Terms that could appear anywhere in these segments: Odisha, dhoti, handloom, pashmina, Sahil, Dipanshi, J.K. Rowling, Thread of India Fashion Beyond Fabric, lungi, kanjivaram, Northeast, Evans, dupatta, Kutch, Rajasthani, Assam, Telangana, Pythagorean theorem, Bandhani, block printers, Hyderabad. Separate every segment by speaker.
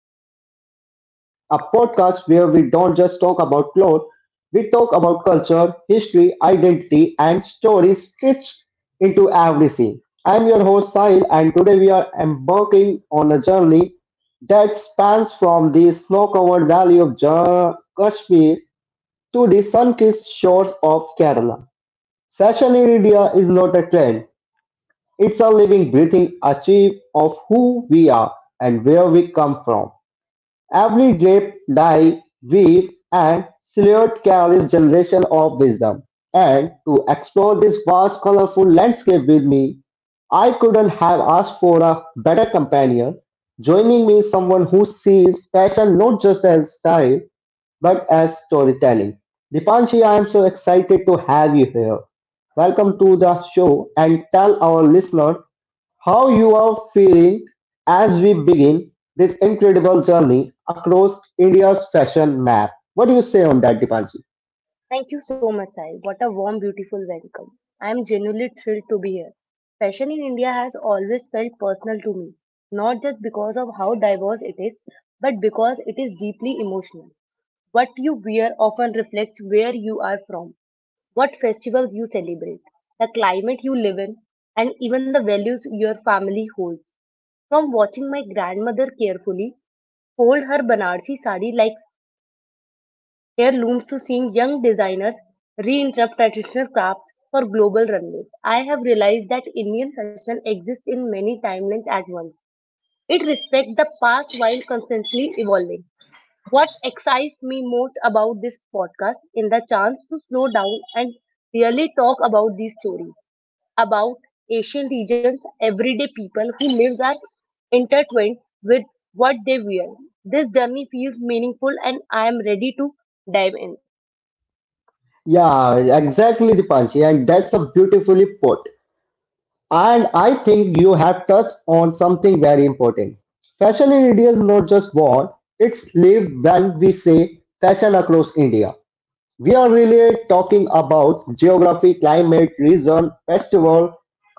Speaker 1: Fashion Beyond Fabric, a podcast where we don't just talk about clothes, we talk about culture, history, identity and stories stitched into every scene. I'm your host Sahil and today we are embarking on a journey that spans from the snow-covered valley of Kashmir to the sun-kissed shores of Kerala. Fashion in India is not a trend. It's a living, breathing archive of who we are and where we come from. Every drape, dye, weave, and silhouette carries generation of wisdom. And to explore this vast, colorful landscape with me, I couldn't have asked for a better companion. Joining me is someone who sees fashion not just as style, but as storytelling. Dipanshi, I am so excited to have you here. Welcome to the show and tell our listeners how you are feeling as we begin this incredible journey across India's fashion map. What do you say on that, Dipanshi?
Speaker 2: Thank you so much, Sai. What a warm, beautiful welcome. I am genuinely thrilled to be here. Fashion in India has always felt personal to me, not just because of how diverse it is, but because it is deeply emotional. What you wear often reflects where you are from, what festivals you celebrate, the climate you live in, and even the values your family holds. From watching my grandmother carefully fold her Banarsi sari like here looms to seeing young designers reinterrupt traditional crafts for global runways. I have realized that Indian fashion exists in many timelines at once. It respects the past while constantly evolving. What excites me most about this podcast is the chance to slow down and really talk about these stories, about Asian regions, everyday people whose lives are intertwined with what they wear. This journey feels meaningful and I am ready to dive in.
Speaker 1: Yeah, exactly, Dipanshi, and that's a beautifully put. And I think you have touched on something very important. Fashion in India is not just born, it's lived when we say fashion across India. We are really talking about geography, climate, region, festival,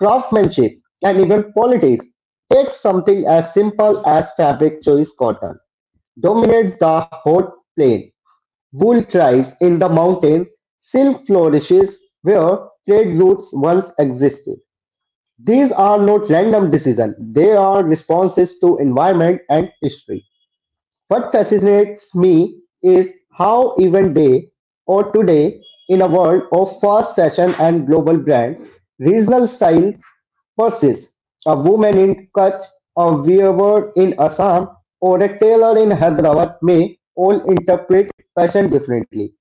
Speaker 1: craftsmanship, and even politics. Yet something as simple as fabric choice cotton dominates the hot plain. Wool thrives in the mountain. Silk flourishes where trade routes once existed. These are not random decisions. They are responses to environment and history. What fascinates me is how even they or today, in a world of fast fashion and global brand, regional style persists. A woman in Kutch, a weaver in Assam, or a tailor in Hyderabad may all interpret fashion differently.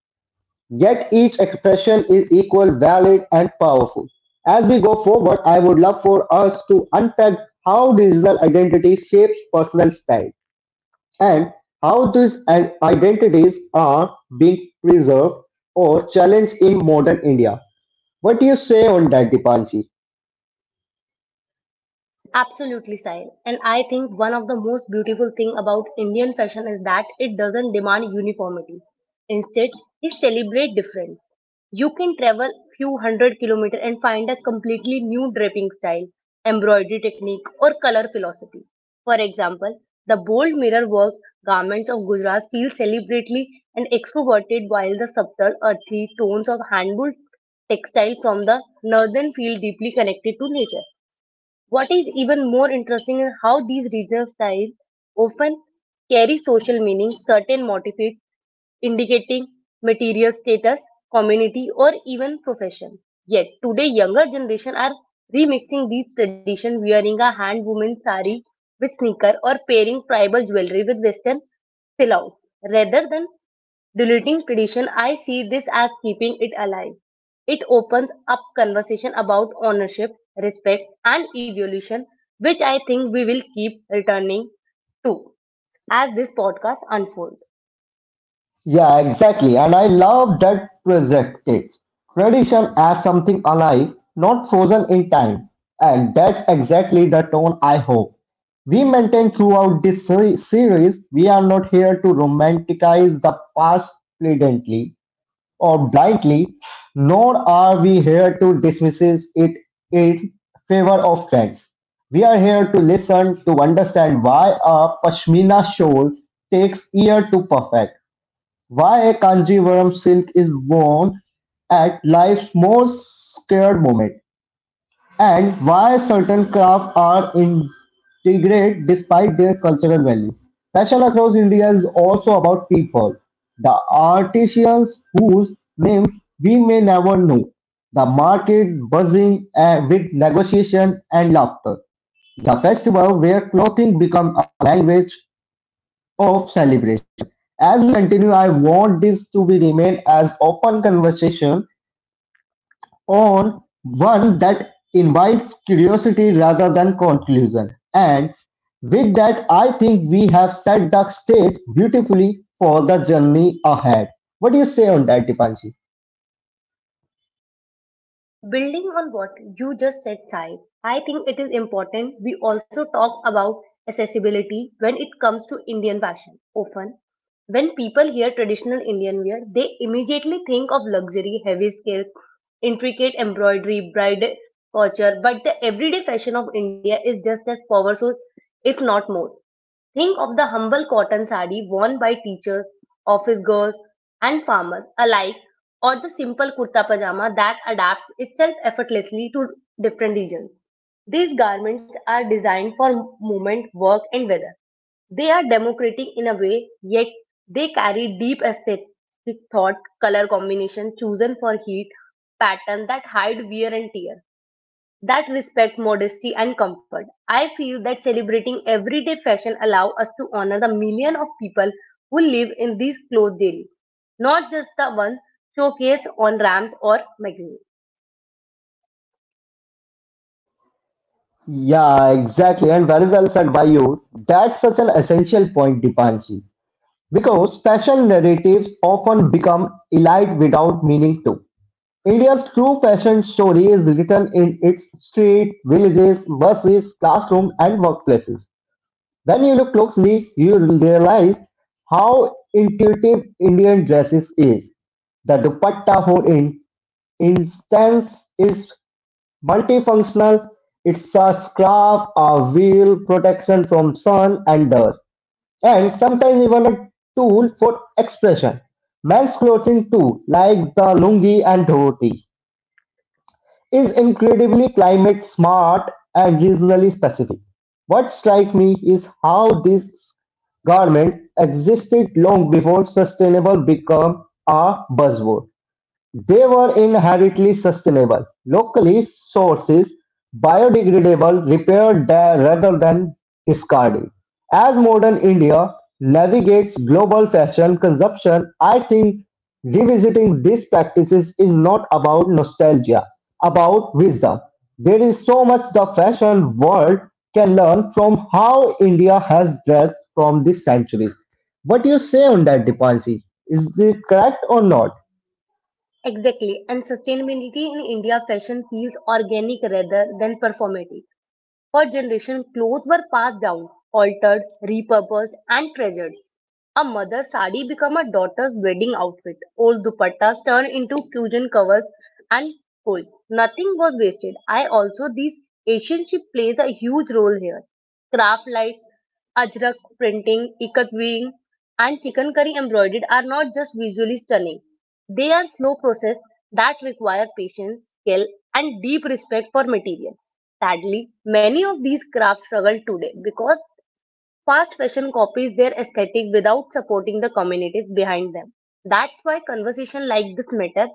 Speaker 1: Yet each expression is equal, valid, and powerful. As we go forward, I would love for us to unpack how regional identity shapes personal style and how these identities are being preserved or challenged in modern India. What do you say on that, Dipanshi?
Speaker 2: Absolutely, Sahil. And I think one of the most beautiful thing about Indian fashion is that it doesn't demand uniformity. Instead, it celebrates different. You can travel few hundred kilometers and find a completely new draping style, embroidery technique, or color philosophy. For example, the bold mirror work garments of Gujarat feel celebrately and extroverted, while the subtle, earthy tones of handwoven textile from the northern feel deeply connected to nature. What is even more interesting is how these regional styles often carry social meaning, certain motifs indicating material status, community, or even profession. Yet today, younger generation are remixing these traditions, wearing a hand woven sari with sneaker or pairing tribal jewelry with Western silhouettes, rather than deleting tradition, I see this as keeping it alive. It opens up conversation about ownership, respect, and evolution, which I think we will keep returning to as this podcast unfolds.
Speaker 1: Yeah, exactly. And I love that perspective. Tradition as something alive, not frozen in time. And that's exactly the tone I hope. We maintain throughout this series, we are not here to romanticize the past pleadantly or blindly, nor are we here to dismiss it in favor of trends. We are here to listen to understand why a pashmina shawl takes year to perfect, why a kanjivaram silk is worn at life's most scared moment, and why certain crafts are degrade despite their cultural value. Fashion across India is also about people, the artisans whose names we may never know, the market buzzing with negotiation and laughter, the festival where clothing becomes a language of celebration. As we continue, I want this to be remain as open conversation on one that invites curiosity rather than conclusion. And with that, I think we have set the stage beautifully for the journey ahead. What do you say on that, Dipanshi?
Speaker 2: Building on what you just said, Sai, I think it is important we also talk about accessibility when it comes to Indian fashion. Often, when people hear traditional Indian wear, they immediately think of luxury, heavy scale, intricate embroidery, bride couture, but the everyday fashion of India is just as powerful, if not more. Think of the humble cotton sari worn by teachers, office girls, and farmers alike, or the simple kurta pajama that adapts itself effortlessly to different regions. These garments are designed for movement, work, and weather, they are democratic in a way, yet they carry deep aesthetic thought, color combination chosen for heat, pattern that hide wear and tear, that respect modesty and comfort. I feel that celebrating everyday fashion allow us to honor the million of people who live in these clothes daily, not just the ones showcased on ramps or magazines.
Speaker 1: Yeah, exactly, and very well said by you. That's such an essential point, Dipanshi, because fashion narratives often become elite without meaning to. India's true fashion story is written in its street, villages, buses, classroom, and workplaces. When you look closely, you realize how intuitive Indian dresses is. The dupatta, for instance, is multifunctional. It's a scarf, a veil, protection from sun and dust, and sometimes even a tool for expression. Men's clothing too, like the lungi and dhoti is incredibly climate smart and regionally specific. What strikes me is how this government existed long before sustainable became a buzzword. They were inherently sustainable, locally sourced, biodegradable, repaired there rather than discarded. As modern India navigates global fashion consumption, I think revisiting these practices is not about nostalgia, about wisdom. There is so much the fashion world can learn from how India has dressed from these centuries. What do you say on that, Dipanshi? Is it correct or not?
Speaker 2: Exactly, and sustainability in India fashion feels organic rather than performative. For generations, clothes were passed down, altered, repurposed, and treasured. A mother's sari became a daughter's wedding outfit. Old dupattas turned into fusion covers and hoods. Nothing was wasted. I also these Asian ship plays a huge role here. Craft like ajrak printing, ikat weaving, and chicken curry embroidered are not just visually stunning. They are slow process that require patience, skill, and deep respect for material. Sadly, many of these crafts struggle today because fast fashion copies their aesthetic without supporting the communities behind them. That's why conversation like this matter.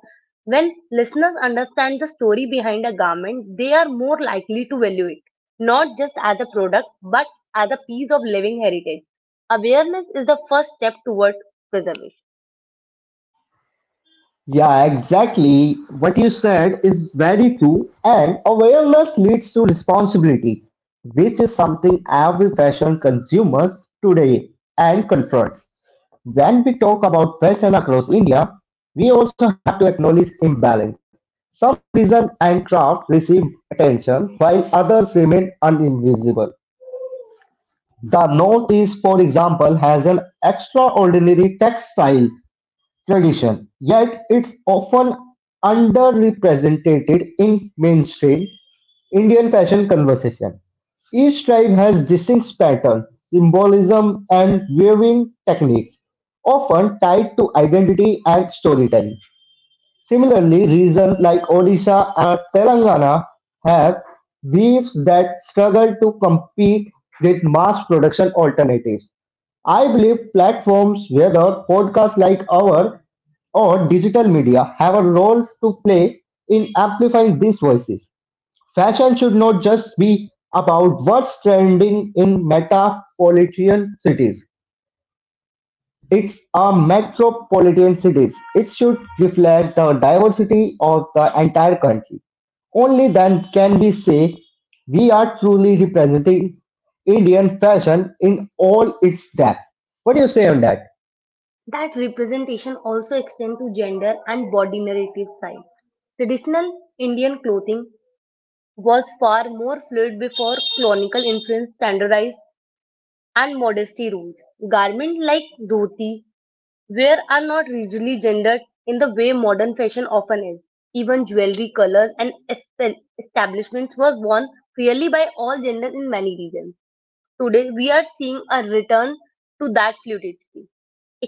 Speaker 2: When listeners understand the story behind a garment, they are more likely to value it, not just as a product, but as a piece of living heritage. Awareness is the first step toward preservation.
Speaker 1: Yeah, exactly. What you said is very true, and awareness leads to responsibility, which is something every fashion consumers today and confront. When we talk about fashion across India, we also have to acknowledge imbalance. Some design and craft receive attention while others remain uninvisible. The Northeast, for example, has an extraordinary textile tradition, yet it's often underrepresented in mainstream Indian fashion conversation. Each tribe has distinct pattern, symbolism, and weaving technique, often tied to identity and storytelling. Similarly, regions like Odisha and Telangana have weaves that struggle to compete with mass production alternatives. I believe platforms, whether podcasts like ours or digital media have a role to play in amplifying these voices. Fashion should not just be about what's trending in metropolitan cities. It's a metropolitan cities. It should reflect the diversity of the entire country. Only then can we say we are truly representing Indian fashion in all its depth. What do you say on that?
Speaker 2: That representation also extends to gender and body narrative side. Traditional Indian clothing was far more fluid before colonial influence standardized and modesty rules. Garments like dhoti wear are not rigidly gendered in the way modern fashion often is. Even jewelry, colors, and establishments were worn freely by all genders in many regions. Today, we are seeing a return to that fluidity,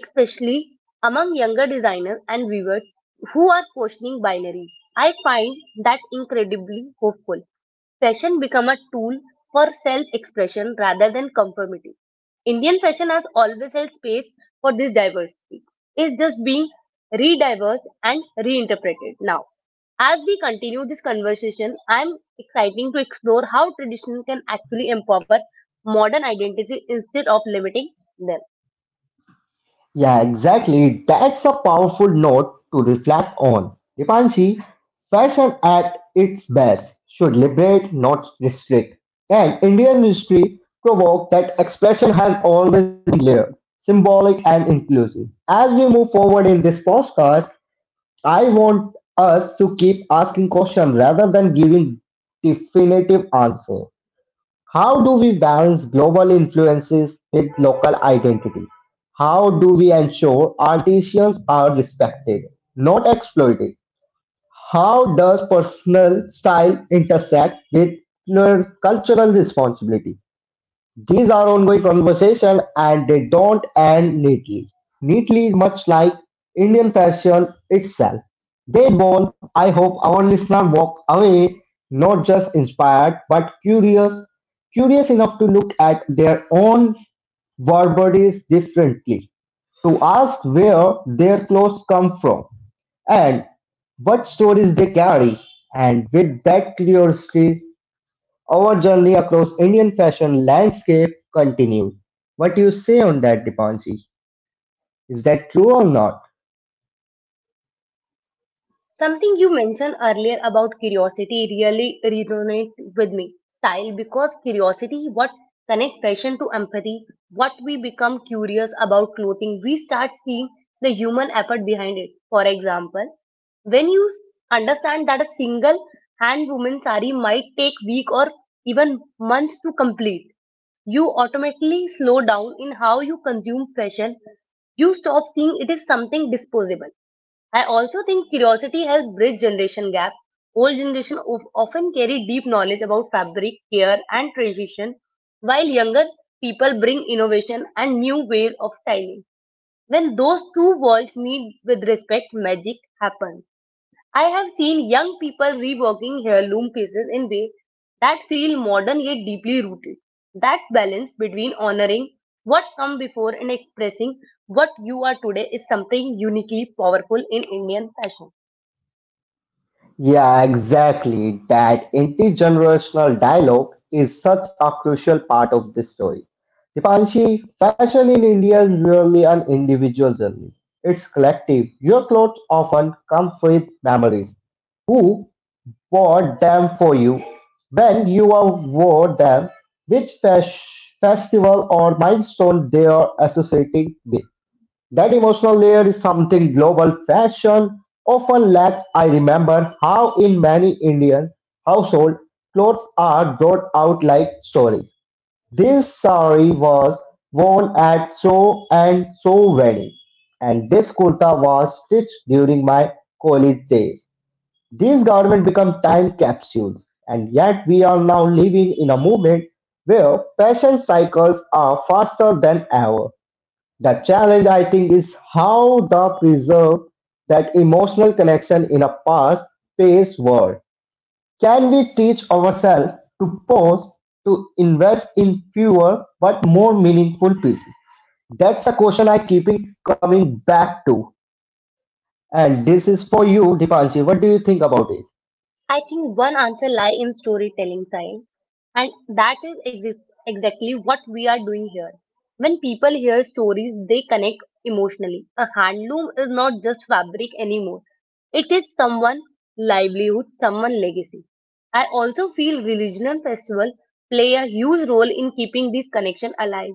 Speaker 2: especially among younger designers and viewers who are questioning binaries. I find that incredibly hopeful. Fashion become a tool for self-expression rather than conformity. Indian fashion has always held space for this diversity. It's just being re-diverse and reinterpreted now. As we continue this conversation, I'm exciting to explore how tradition can actually empower modern identity instead of limiting them.
Speaker 1: Yeah, exactly. That's a powerful note to reflect on. Dipanshi, fashion at its best should liberate, not restrict. And Indian history provoked that expression has always been layered, symbolic, and inclusive. As we move forward in this podcast, I want us to keep asking questions rather than giving definitive answer. How do we balance global influences with local identity? How do we ensure artisans are respected, not exploited? How does personal style intersect with cultural responsibility? These are ongoing conversations and they don't end neatly. Neatly, much like Indian fashion itself. They evolve. I hope our listener walk away not just inspired but curious, curious enough to look at their own war bodies differently, to ask where their clothes come from and what stories they carry. And with that curiosity, our journey across Indian fashion landscape continues. What do you say on that, Dipanshi? Is that true or not?
Speaker 2: Something you mentioned earlier about curiosity really resonates with me, Style, because curiosity what connect fashion to empathy, what we become curious about clothing, we start seeing the human effort behind it. For example, when understand that a single hand woven sari might take week or even months to complete, you automatically slow down in how you consume fashion. You stop seeing it is something disposable. I also think curiosity helps bridge generation gap. Old generation of, often carry deep knowledge about fabric, care, and tradition, while younger people bring innovation and new ways of styling. When those two worlds meet with respect, magic happens. I have seen young people reworking heirloom pieces in ways that feel modern yet deeply rooted. That balance between honoring what come before and expressing what you are today is something uniquely powerful in Indian fashion.
Speaker 1: Yeah, exactly. That intergenerational dialogue is such a crucial part of this story. Dipanshi, fashion in India is really an individual journey. It's collective. Your clothes often come with memories. Who wore them for you. When you are wore them, which festival or milestone they are associating with. That emotional layer is something global fashion often lacks. I remember how in many Indian households, clothes are brought out like stories. This sari was worn at so and so wedding, and this kurta was stitched during my college days. These governments become time capsules, and yet we are now living in a moment where fashion cycles are faster than ever. The challenge, I think, is how to preserve that emotional connection in a fast-paced world. Can we teach ourselves to pause, to invest in fewer but more meaningful pieces? That's a question I keep coming back to. And this is for you, Dipanshi. What do you think about it?
Speaker 2: I think one answer lies in storytelling side, and that is exactly what we are doing here. When people hear stories, they connect emotionally. A handloom is not just fabric anymore; it is someone' livelihood, someone' legacy. I also feel religion festival play a huge role in keeping this connection alive.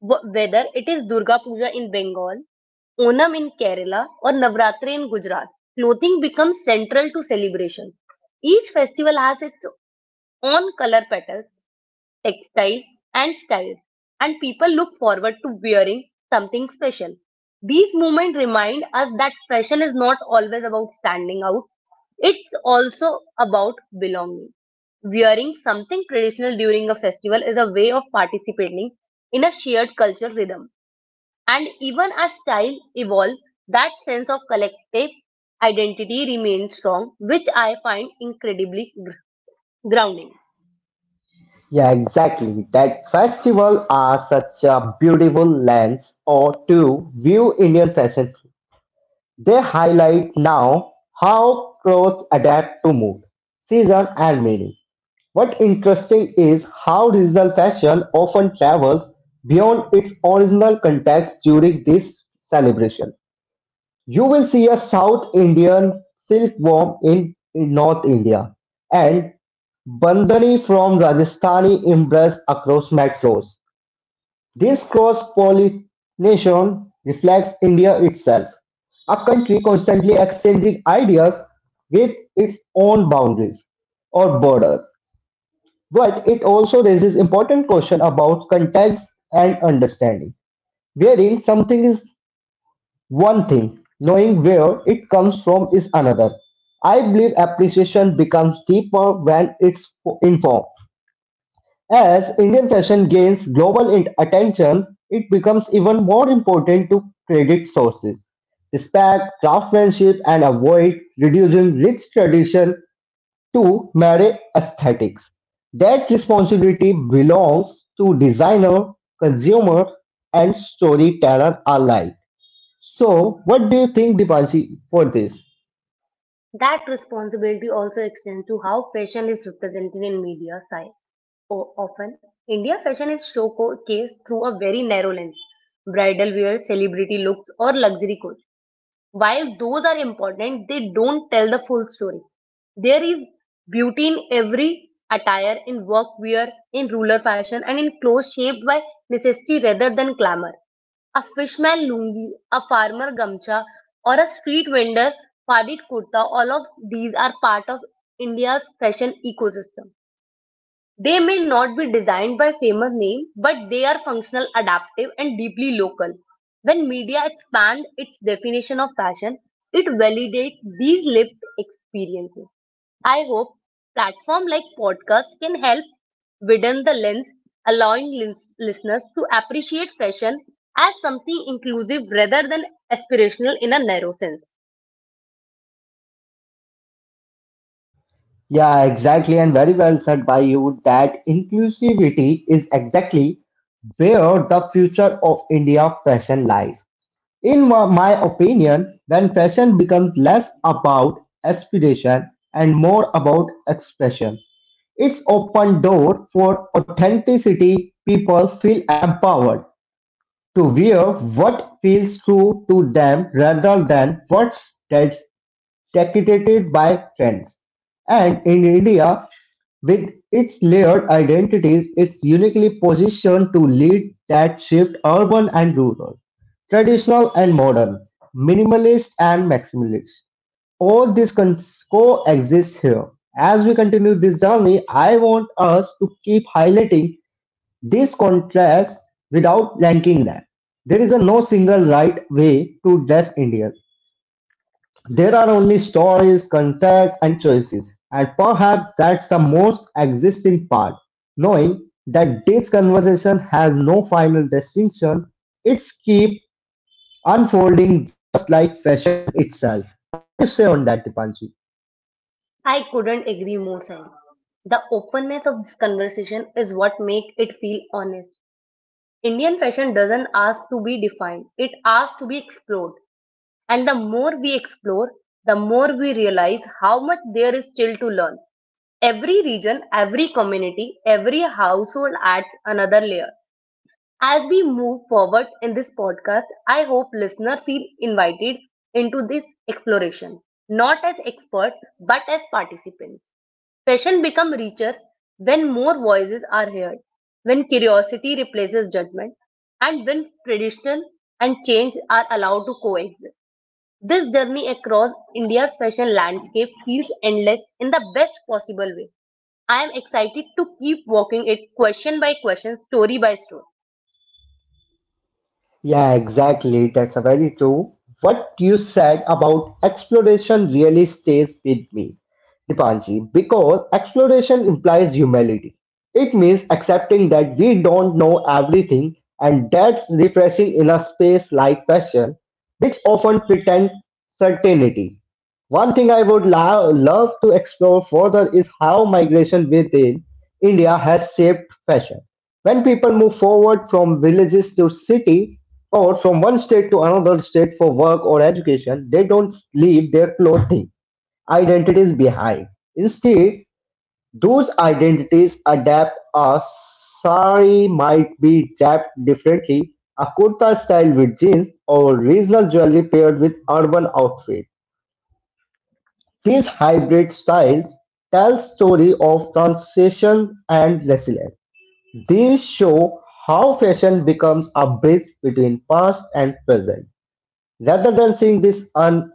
Speaker 2: Whether it is Durga Puja in Bengal, Onam in Kerala, or Navratri in Gujarat, clothing becomes central to celebration. Each festival has its own color patterns, textiles, and styles, and people look forward to wearing something special. These movements remind us that fashion is not always about standing out, it's also about belonging. Wearing something traditional during a festival is a way of participating in a shared culture rhythm. And even as style evolves, that sense of collective identity remains strong, which I find incredibly grounding.
Speaker 1: Yeah, exactly. That festival are such a beautiful lens or to view Indian fashion. They highlight now how clothes adapt to mood, season and meaning. What interesting is how regional fashion often travels beyond its original context during this celebration. You will see a South Indian silkworm in North India and Bandhani from Rajasthani embrace across metros. This cross-pollination reflects India itself, a country constantly exchanging ideas with its own boundaries or borders. But it also raises important questions about context and understanding. Wearing something is one thing, knowing where it comes from is another. I believe appreciation becomes deeper when it's informed. As Indian fashion gains global attention, it becomes even more important to credit sources, respect craftsmanship, and avoid reducing rich tradition to mere aesthetics. That responsibility belongs to designer, consumer, and storyteller alike. So, what do you think, Dipanshi, for this?
Speaker 2: That responsibility also extends to how fashion is represented in media side. Often, India fashion is showcased through a very narrow lens. Bridal wear, celebrity looks, or luxury goods. While those are important, they don't tell the full story. There is beauty in every attire, in workwear, in ruler fashion, and in clothes shaped by necessity rather than glamour. A fishman lungi, a farmer gamcha, or a street vendor padit kurta, all of these are part of India's fashion ecosystem. They may not be designed by famous name, but they are functional, adaptive, and deeply local. When media expands its definition of fashion, it validates these lived experiences. I hope platforms like podcasts can help widen the lens, allowing listeners to appreciate fashion as something inclusive rather than aspirational in a narrow sense.
Speaker 1: Yeah, exactly, and very well said by you that inclusivity is exactly where the future of India fashion lies. In my opinion, when fashion becomes less about aspiration and more about expression, it's open door for authenticity. People feel empowered to wear what feels true to them rather than what's that's dictated by trends. And in India, with its layered identities, it's uniquely positioned to lead that shift urban and rural, traditional and modern, minimalist and maximalist. All this coexist here. As we continue this journey, I want us to keep highlighting this contrast without ranking them. There is a no single right way to dress India. There are only stories, contacts and choices, and perhaps that's the most existing part, knowing that this conversation has no final destination, it's keep unfolding just like fashion itself. What do you say on that, Dipanshi?
Speaker 2: I couldn't agree more, Sam. The openness of this conversation is what makes it feel honest. Indian fashion doesn't ask to be defined, it asks to be explored. And the more we explore, the more we realize how much there is still to learn. Every region, every community, every household adds another layer. As we move forward in this podcast, I hope listeners feel invited into this exploration, not as experts, but as participants. Passion becomes richer when more voices are heard, when curiosity replaces judgment, and when tradition and change are allowed to coexist. This journey across India's fashion landscape feels endless in the best possible way. I am excited to keep walking it question by question, story by story.
Speaker 1: Yeah, exactly. That's a very true. What you said about exploration really stays with me, Dipanji, because exploration implies humility. It means accepting that we don't know everything, and that's refreshing in a space like fashion which often pretend certainty. One thing I would love to explore further is how migration within India has shaped fashion. When people move forward from villages to city or from one state to another state for work or education, they don't leave their clothing identities behind. Instead, those identities adapt a sari might be wrapped differently, a kurta style with jeans, or regional jewelry paired with urban outfit. These hybrid styles tell story of transition and resilience. These show how fashion becomes a bridge between past and present. Rather than seeing this an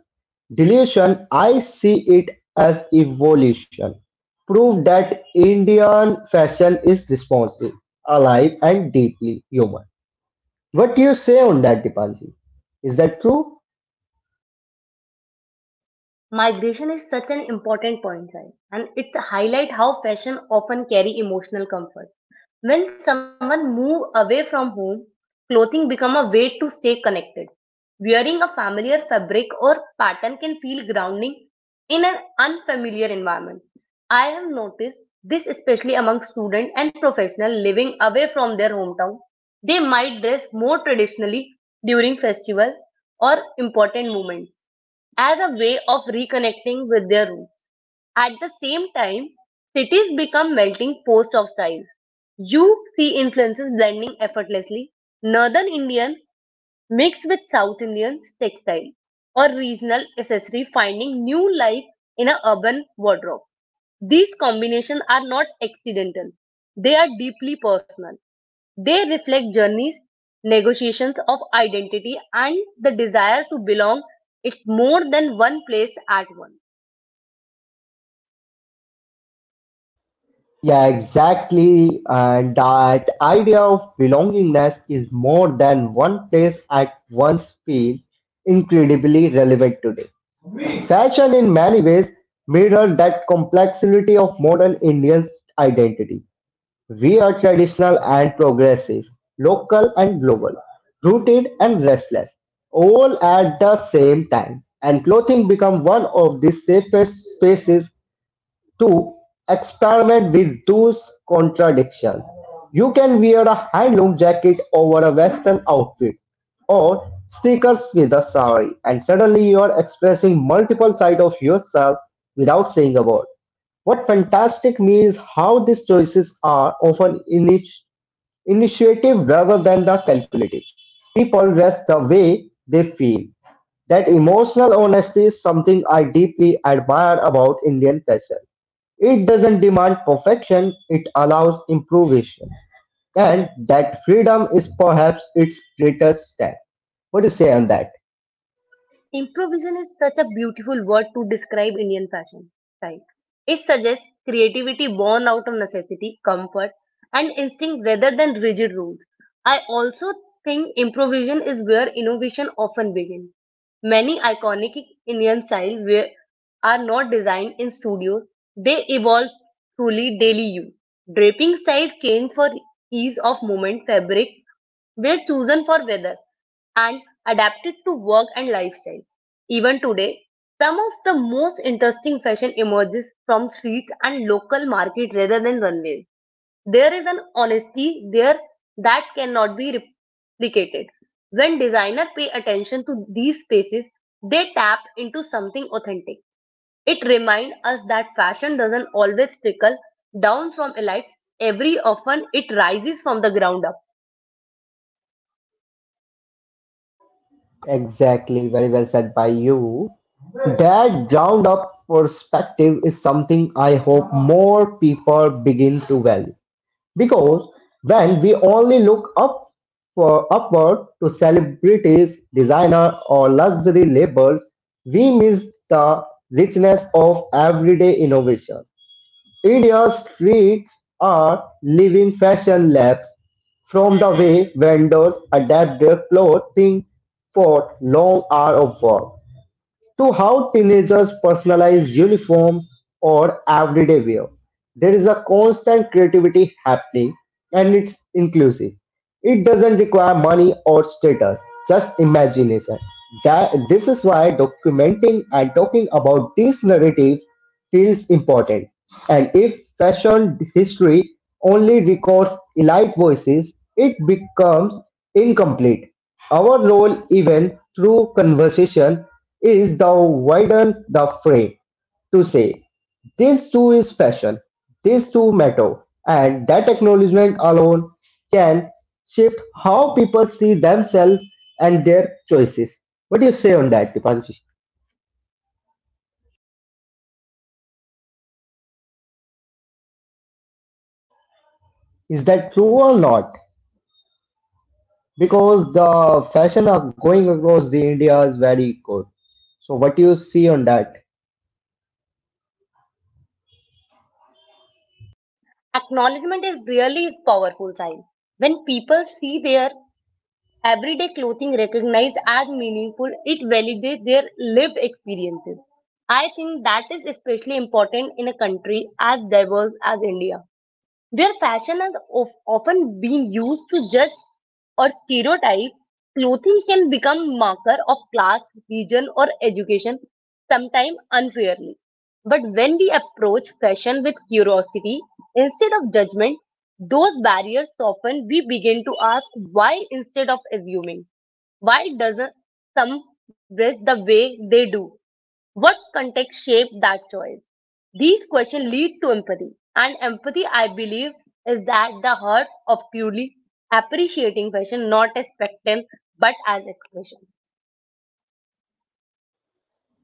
Speaker 1: deletion, I see it as evolution. Proof that Indian fashion is responsive, alive, and deeply human. What do you say on that, Dipanji? Is that true?
Speaker 2: Migration is such an important point, Sai, and it highlights how fashion often carry emotional comfort. When someone move away from home, clothing become a way to stay connected. Wearing a familiar fabric or pattern can feel grounding in an unfamiliar environment. I have noticed this especially among students and professionals living away from their hometown. They might dress more traditionally during festivals or important moments as a way of reconnecting with their roots. At the same time, cities become melting pots of styles. You see influences blending effortlessly. Northern Indian mixed with South Indian textile or regional accessory finding new life in an urban wardrobe. These combinations are not accidental. They are deeply personal. They reflect journeys, negotiations of identity and the desire to belong it more than one place at once.
Speaker 1: Yeah, exactly. And that idea of belongingness is more than one place at once feel incredibly relevant today. Fashion in many ways mirror that complexity of modern Indian identity. We are traditional and progressive, local and global, rooted and restless, all at the same time. And clothing become one of the safest spaces to experiment with those contradictions. You can wear a handloom jacket over a western outfit or sneakers with a sari, and suddenly you are expressing multiple sides of yourself without saying a word. What fantastic me is how these choices are often initiative rather than the calculative. People rest the way they feel. That emotional honesty is something I deeply admire about Indian fashion. It doesn't demand perfection, it allows improvisation. And that freedom is perhaps its greatest step. What do you say on that?
Speaker 2: Improvisation is such a beautiful word to describe Indian fashion, right? It suggests creativity born out of necessity, comfort, and instinct rather than rigid rules. I also think improvisation is where innovation often begins. Many iconic Indian styles were, are not designed in studios, they evolve truly daily use. Draping styles change for ease of movement, fabric were chosen for weather and adapted to work and lifestyle. Even today, some of the most interesting fashion emerges from streets and local market rather than runways. There is an honesty there that cannot be replicated. When designers pay attention to these spaces, they tap into something authentic. It reminds us that fashion doesn't always trickle down from elites. Every often it rises from the ground up.
Speaker 1: Exactly, very well said by you. That ground up perspective is something I hope more people begin to value. Because when we only look up for upward to celebrities, designer or luxury labels, we miss the richness of everyday innovation. India's streets are living fashion labs, from the way vendors adapt their clothing for long hours of work to how teenagers personalize uniform or everyday wear. There is a constant creativity happening and it's inclusive. It doesn't require money or status, just imagination. That, this is why documenting and talking about this narrative feels important. And if fashion history only records elite voices, it becomes incomplete. Our role, even through conversation, is to widen the fray, to say, this too is fashion, this too matter, and that acknowledgement alone can shape how people see themselves and their choices. What do you say on that, Dipanshi? Is that true or not? Because the fashion of going across the India is very good. What do you see on that?
Speaker 2: Acknowledgement is really his powerful side. When people see their everyday clothing recognized as meaningful, it validates their lived experiences. I think that is especially important in a country as diverse as India where fashion has of often been used to judge or stereotype, clothing can become marker of class, region or education, sometimes unfairly. But when we approach fashion with curiosity instead of judgment, those barriers soften. We begin to ask why instead of assuming. Why doesn't some dress the way they do? What context shaped that choice? These questions lead to empathy, and empathy, I believe, is at the heart of truly appreciating fashion, not as spectacle but as expression.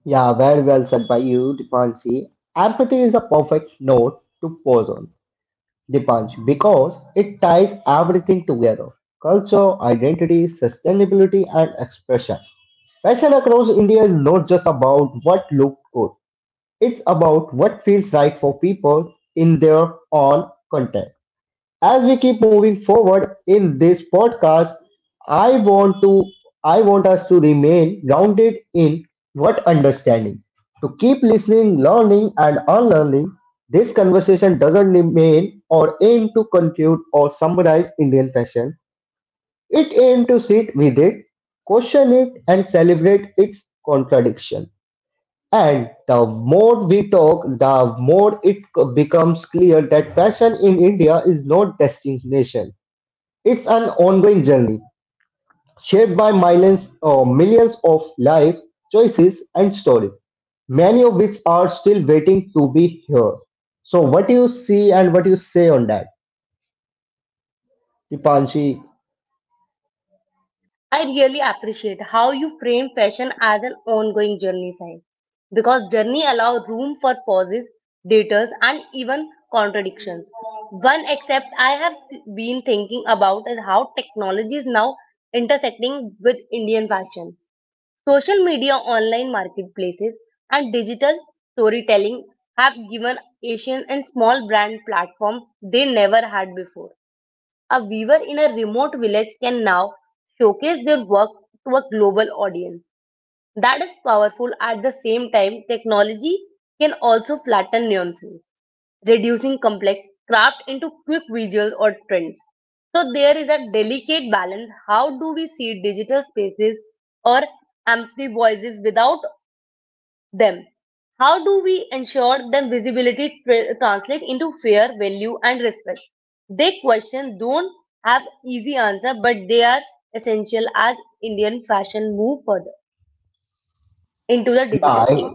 Speaker 1: Yeah, very well said by you, Dipanshi. Empathy is a perfect note to pause on, Dipanshi, because it ties everything together culture, identity, sustainability, and expression. Fashion across India is not just about what looks good, it's about what feels right for people in their own context. As we keep moving forward in this podcast, I want to I want us to remain grounded in what understanding. To keep listening, learning and unlearning, this conversation doesn't remain or aim to conclude or summarize Indian fashion. It aims to sit with it, question it and celebrate its contradiction. And the more we talk, the more it becomes clear that fashion in India is not destination it's an ongoing journey, shaped by millions, millions of life choices and stories, many of which are still waiting to be heard. So, what do you see and what do you say on that, Dipanshi?
Speaker 2: I really appreciate how you frame fashion as an ongoing journey, Sai, because journey allow room for pauses, detours, and even contradictions. One except I have been thinking about is how technology is now intersecting with Indian fashion. Social media, online marketplaces, and digital storytelling have given Asian and small brand platforms they never had before. A weaver in a remote village can now showcase their work to a global audience. That is powerful at the same time, technology can also flatten nuances reducing complex craft into quick visuals or trends. So there is a delicate balance. How do we see digital spaces or empty voices without them? How do we ensure them visibility translate into fair value and respect? They question don't have easy answer, but they are essential as Indian fashion move further into the
Speaker 1: Yeah,
Speaker 2: digital.
Speaker 1: I-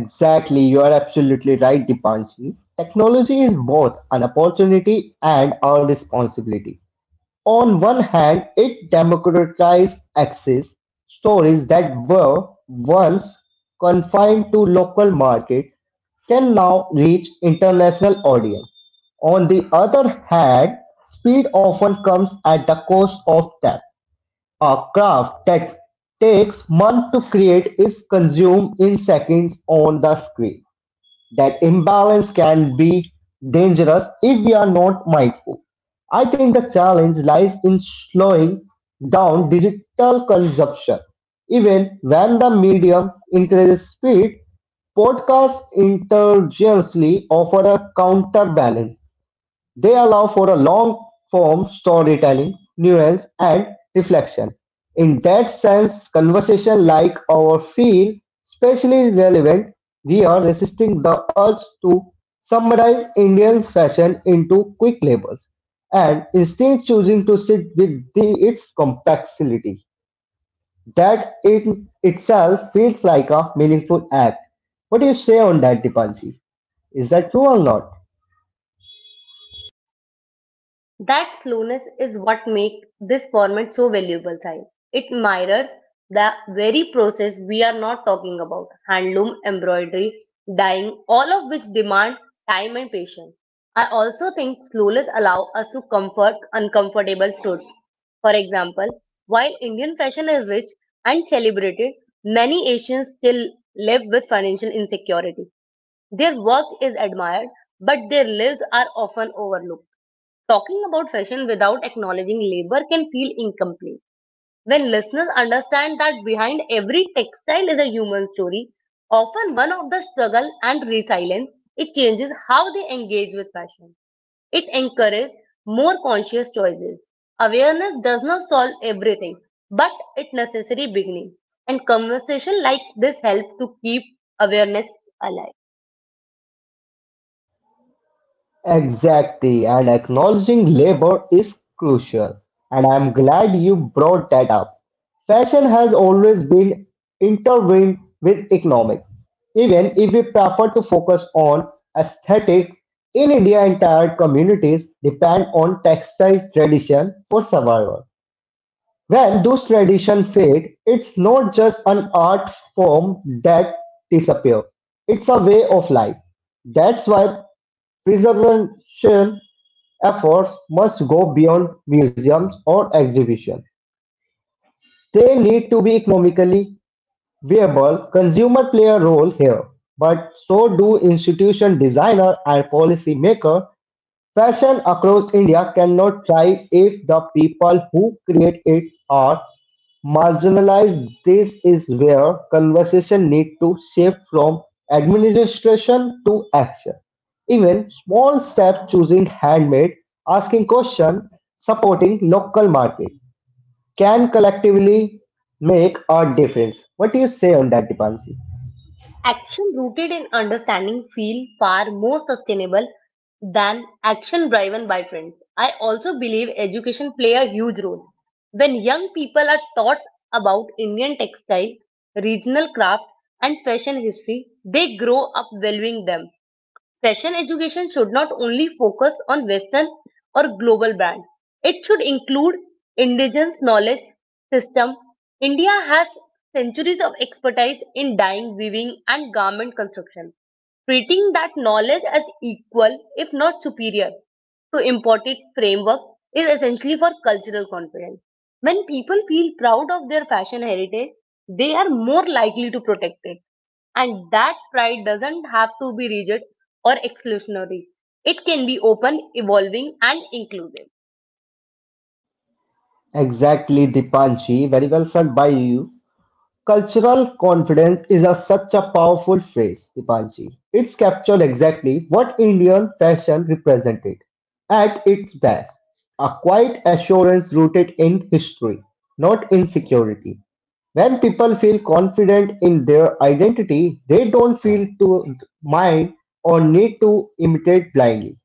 Speaker 1: exactly. You are absolutely right, Dipanshi. Technology is both an opportunity and a responsibility. On one hand, it democratized access stories that were once confined to local markets can now reach international audience. On the other hand, speed often comes at the cost of depth. A craft that takes months to create is consumed in seconds on the screen. That imbalance can be dangerous if we are not mindful. I think the challenge lies in slowing down digital consumption. Even when the medium increases speed, podcasts intelligently offer a counterbalance. They allow for a long-form storytelling, nuance, and reflection. In that sense, conversation like ours feel especially relevant. We are resisting the urge to summarize Indian fashion into quick labels and instead choosing to sit with the, its complexity. That in itself feels like a meaningful act. What do you say on that, Dipanji? Is that true or not?
Speaker 2: That slowness is what makes this format so valuable, Sai. It mirrors the very process we are not talking about handloom, embroidery, dyeing, all of which demand time and patience. I also think slowness allows us to comfort uncomfortable truths. For example, while Indian fashion is rich and celebrated, many Asians still live with financial insecurity. Their work is admired, but their lives are often overlooked. Talking about fashion without acknowledging labor can feel incomplete. When listeners understand that behind every textile is a human story, often one of the struggle and resilience, it changes how they engage with fashion. It encourages more conscious choices. Awareness does not solve everything, but it necessary beginning. And conversation like this help to keep awareness alive.
Speaker 1: Exactly, and acknowledging labor is crucial, and I'm glad you brought that up. Fashion has always been intertwined with economics, even if we prefer to focus on aesthetics. In India, entire communities depend on textile tradition for survival. When those traditions fade, it's not just an art form that disappears; it's a way of life. That's why preservation efforts must go beyond museums or exhibitions; they need to be economically viable. Consumers play a role here, but so do institution designer, and policy maker. Fashion across India cannot thrive if the people who create it are marginalized. This is where conversation need to shift from administration to action. Even small steps choosing handmade, asking questions supporting local market can collectively make a difference. What do you say on that, Dipanshi?
Speaker 2: Action rooted in understanding feel far more sustainable than action driven by trends. I also believe education play a huge role. When young people are taught about Indian textile, regional craft and fashion history, they grow up valuing them. Fashion education should not only focus on western or global brands. It should include indigenous knowledge system. India has centuries of expertise in dyeing, weaving and garment construction treating that knowledge as equal, if not superior, to imported framework is essentially for cultural confidence. When people feel proud of their fashion heritage, they are more likely to protect it. And that pride doesn't have to be rigid or exclusionary. It can be open, evolving, and inclusive.
Speaker 1: Exactly, Dipanshi. Very well said by you. Cultural confidence is a, such a powerful phrase, Dipanji. It's captured exactly what Indian fashion represented at its best. A quiet assurance rooted in history, not insecurity. When people feel confident in their identity, they don't feel to mind or need to imitate blindly.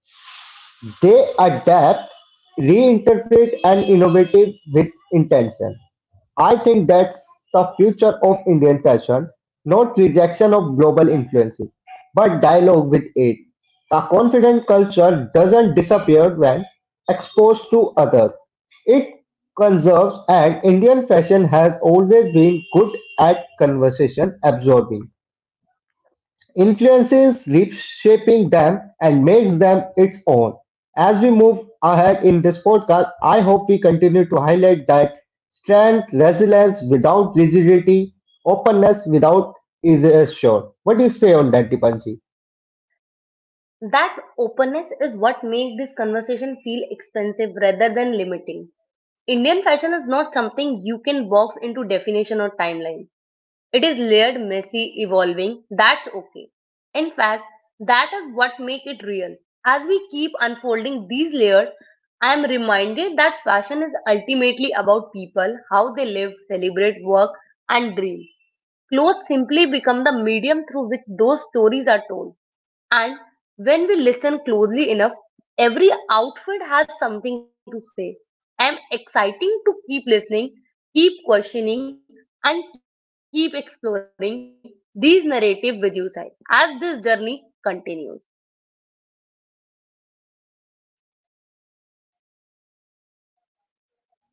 Speaker 1: They adapt, reinterpret, and innovate with intention. I think that's the future of Indian fashion not rejection of global influences, but dialogue with it. A confident culture doesn't disappear when exposed to others. It conserves and Indian fashion has always been good at conversation absorbing influences reshaping them and makes them its own. As we move ahead in this podcast, I hope we continue to highlight that strength, resilience without rigidity, openness without erasure. What do you say on that, Dipanshi?
Speaker 2: That openness is what makes this conversation feel expansive rather than limiting. Indian fashion is not something you can box into definition or timelines. It is layered, messy, evolving. That's okay. In fact, that is what makes it real. As we keep unfolding these layers, I am reminded that fashion is ultimately about people, how they live, celebrate, work, and dream. Clothes simply become the medium through which those stories are told. And when we listen closely enough, every outfit has something to say. I'm exciting to keep listening, keep questioning, and keep exploring these narrative with you, Sai, as this journey continues.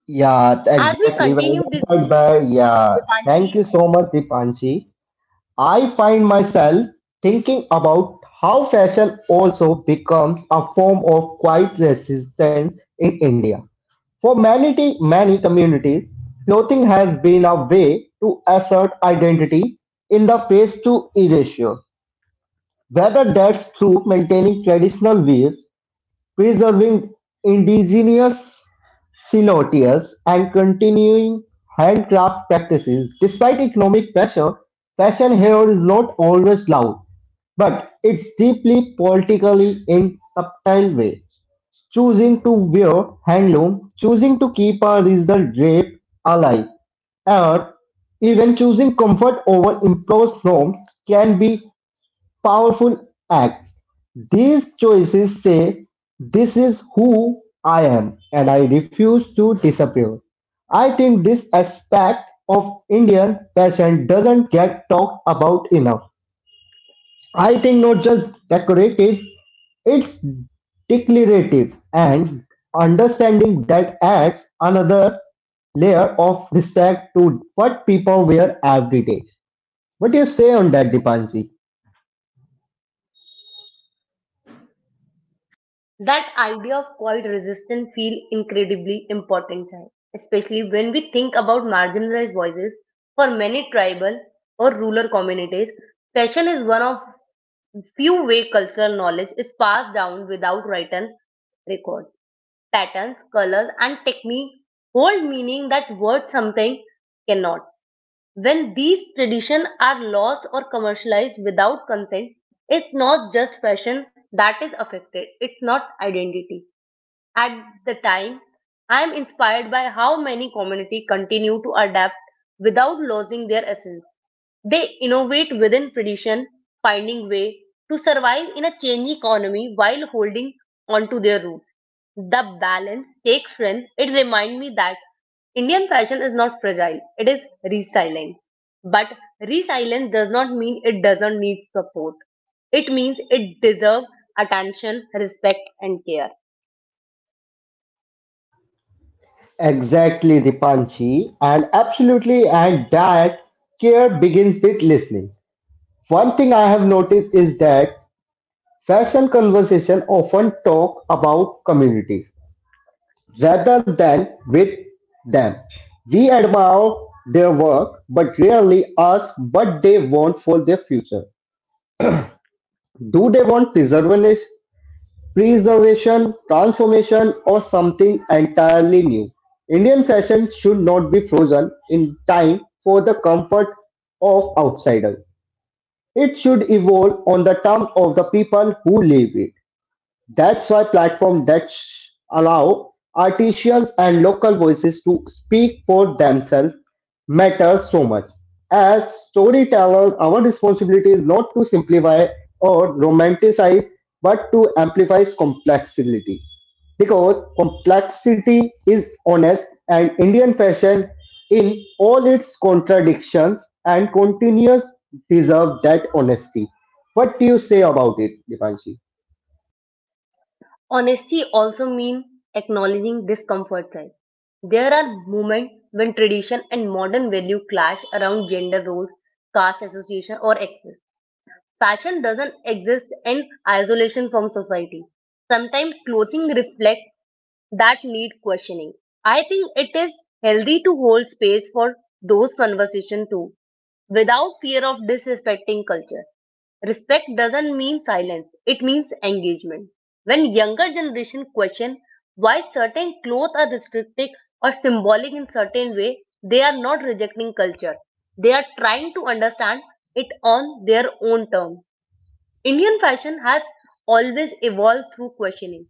Speaker 1: Yeah,
Speaker 2: As
Speaker 1: exactly.
Speaker 2: we
Speaker 1: Very Well
Speaker 2: continue
Speaker 1: said
Speaker 2: this
Speaker 1: by,
Speaker 2: journey,
Speaker 1: yeah. Thank you so
Speaker 2: Dipanshi,
Speaker 1: much, Dipanshi. I find myself thinking about how fashion also becomes a form of quiet resistance in India. For many communities, clothing has been a way to assert identity in the face to erasure, whether that's through maintaining traditional wears, preserving indigenous silhouettes, and continuing handcraft practices. Despite economic pressure, fashion here is not always loud, but it's deeply politically in subtle way. Choosing to wear handloom, choosing to keep a regional drape alive, or even choosing comfort over imposed norms can be powerful acts. These choices say, this is who I am, and I refuse to disappear. I think this aspect of Indian fashion doesn't get talked about enough. I think not just decorative, it's declarative and understanding that adds another layer of respect to what people wear every day. What do you say on that, Dipanji?
Speaker 2: that idea of quiet resistance feel incredibly important, Sai, especially when we think about marginalized voices. For many tribal or rural communities, fashion is one of few way cultural knowledge is passed down without written record. Patterns, colors, and technique hold meaning that word something cannot. When these traditions are lost or commercialized without consent, it's not just fashion that is affected, it's not identity. At the time, I am inspired by how many community continue to adapt without losing their essence. They innovate within tradition, finding way to survive in a changing economy while holding on to their roots. The balance takes strength. It reminds me that Indian fashion is not fragile, it is resilient. But resilience does not mean it doesn't need support. It means it deserves attention, respect, and care.
Speaker 1: Exactly, Dipanji, and absolutely, and that care begins with listening. One thing I have noticed is that fashion conversation often talk about communities, rather than with them. We admire their work but rarely ask what they want for their future. Do they want preservation, transformation, or something entirely new? Indian fashion should not be frozen in time for the comfort of outsiders. It should evolve on the terms of the people who live it. That's why platforms that allow artisans and local voices to speak for themselves matters so much. As storytellers, our responsibility is not to simplify or romanticize, but to amplify complexity. Because complexity is honest and Indian fashion in all its contradictions and continuous deserve that honesty. What do you say about it, Dipanshi?
Speaker 2: Honesty also means acknowledging discomfort side. There are moments when tradition and modern value clash around gender roles, caste association, or access. Fashion doesn't exist in isolation from society. Sometimes clothing reflects that need questioning. I think it is healthy to hold space for those conversations too without fear of disrespecting culture. Respect doesn't mean silence, it means engagement. When younger generation question why certain clothes are restrictive or symbolic in certain way, they are not rejecting culture. They are trying to understand it on their own terms. Indian fashion has always evolved through questioning.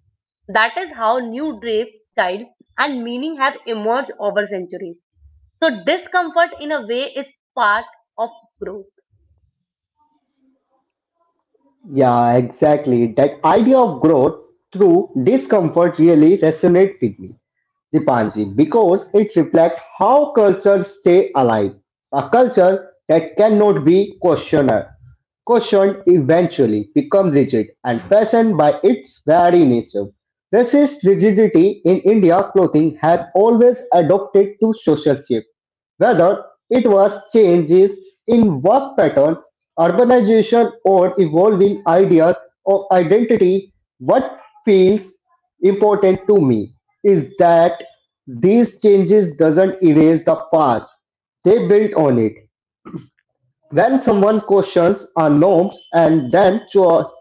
Speaker 2: That is how new drape, style, and meaning have emerged over centuries. So discomfort in a way is part of growth.
Speaker 1: Yeah, exactly. That idea of growth through discomfort really resonates with me. Dipanji, because it reflects how cultures stay alive. A culture that cannot be questioned eventually becomes rigid and fashioned by its very nature. Racist rigidity in India clothing has always adopted to social shape, whether it was changes in work pattern, urbanization, or evolving ideas of identity what feels important to me is that these changes doesn't erase the past, they build on it. When someone questions our norms and then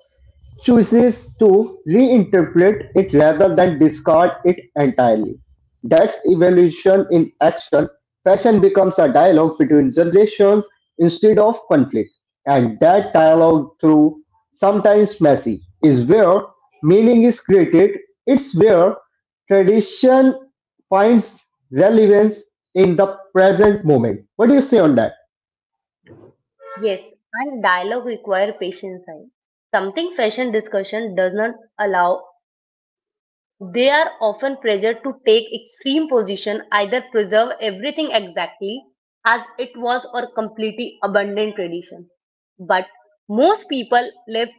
Speaker 1: chooses to reinterpret it rather than discard it entirely. That's evolution in action. Fashion becomes a dialogue between generations instead of conflict. And that dialogue, through sometimes messy, is where meaning is created. It's where tradition finds relevance in the present moment. What do you say on that?
Speaker 2: Yes, and dialogue require patience. Something fashion discussion does not allow. They are often pressured to take extreme position, either preserve everything exactly as it was or completely abandon tradition. But most people live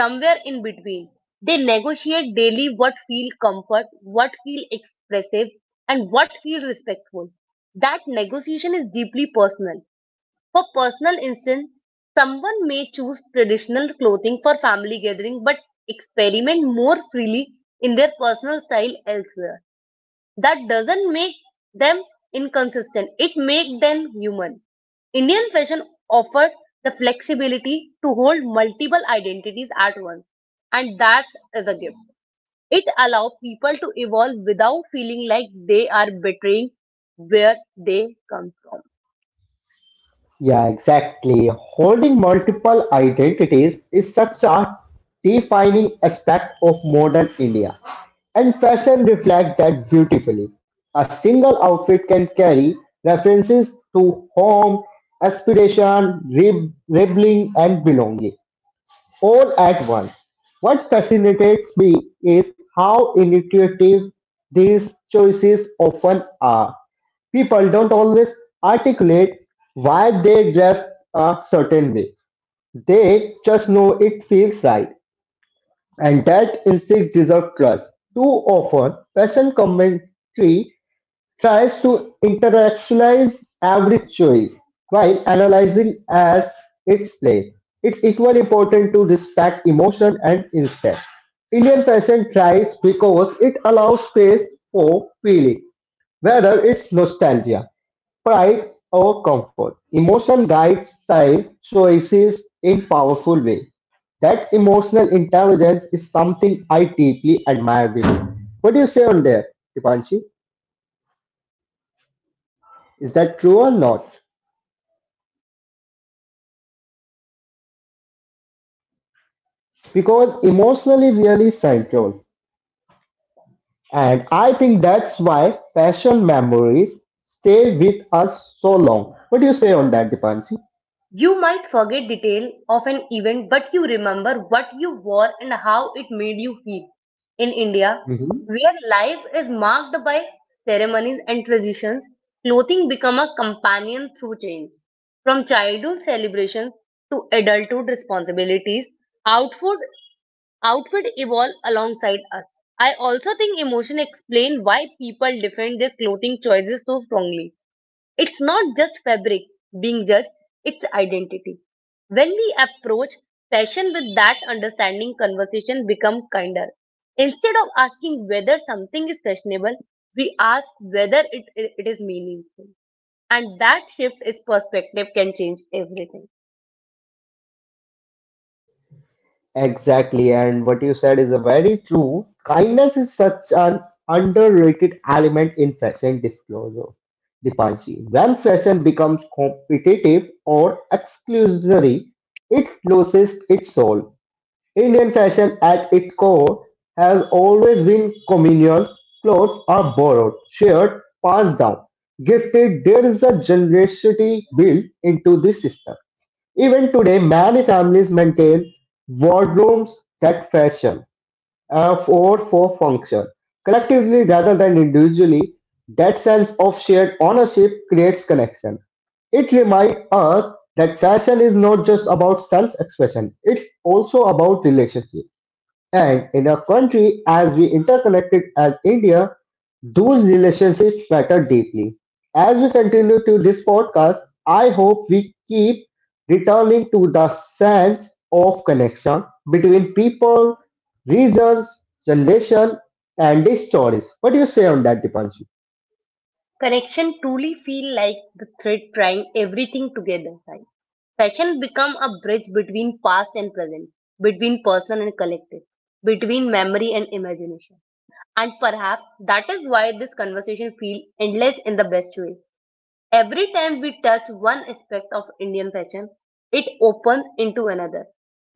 Speaker 2: somewhere in between. They negotiate daily what feel comfort, what feel expressive, and what feel respectful. That negotiation is deeply personal for personal instance, someone may choose traditional clothing for family gathering but experiment more freely in their personal style elsewhere. That doesn't make them inconsistent. It makes them human. Indian fashion offers the flexibility to hold multiple identities at once, and that is a gift. It allows people to evolve without feeling like they are betraying where they come from.
Speaker 1: Yeah, exactly. Holding multiple identities is such a defining aspect of modern India, and fashion reflects that beautifully. A single outfit can carry references to home, aspiration, rebelling, and belonging all at once. What fascinates me is how intuitive these choices often are. People don't always articulate why they dress a certain way. They just know it feels right, and that instinct deserves trust. Too often, fashion commentary tries to intellectualize every choice while analyzing as its place. It's equally important to respect emotion and instinct. Indian fashion thrives because it allows space for feeling, whether it's nostalgia Pride over comfort: emotional guide, style choices in powerful way. That emotional intelligence is something I deeply admire with you. What do you say on there, Dipanshi? Is that true or not? Because emotionally really central. And I think that's why fashion memories stay with us so long. What do you say on that, Dipanshi?
Speaker 2: You might forget detail of an event but you remember what you wore and how it made you feel. In India, where life is marked by ceremonies and traditions, clothing become a companion through change. From childhood celebrations to adulthood responsibilities, outfit outfit evolve alongside us. I also think emotion explain why people defend their clothing choices so strongly. It's not just fabric being judged, it's identity. When we approach fashion with that understanding, conversation become kinder. Instead of asking whether something is fashionable, we ask whether it is meaningful. And that shift is perspective can change everything.
Speaker 1: Exactly, and what you said is very true. Kindness is such an underrated element in fashion disclosure. Dipanji. When fashion becomes competitive or exclusionary, it loses its soul. Indian fashion at its core has always been communal. Clothes are borrowed, shared, passed down, gifted. There is a generosity built into the system. Even today, many families maintain wardrobes that fashion or for function. Collectively rather than individually, that sense of shared ownership creates connection. It reminds us that fashion is not just about self-expression, it's also about relationship. And in a country as we interconnected as India, those relationships matter deeply. As we continue to this podcast, I hope we keep returning to the sense of connection between people, regions, generation, and the stories. What do you say on that, Dipanji?
Speaker 2: Connection truly feel like the thread trying everything together. Side fashion become a bridge between past and present, between personal and collective, between memory and imagination. And perhaps that is why this conversation feels endless in the best way. Every time we touch one aspect of Indian fashion, it opens into another.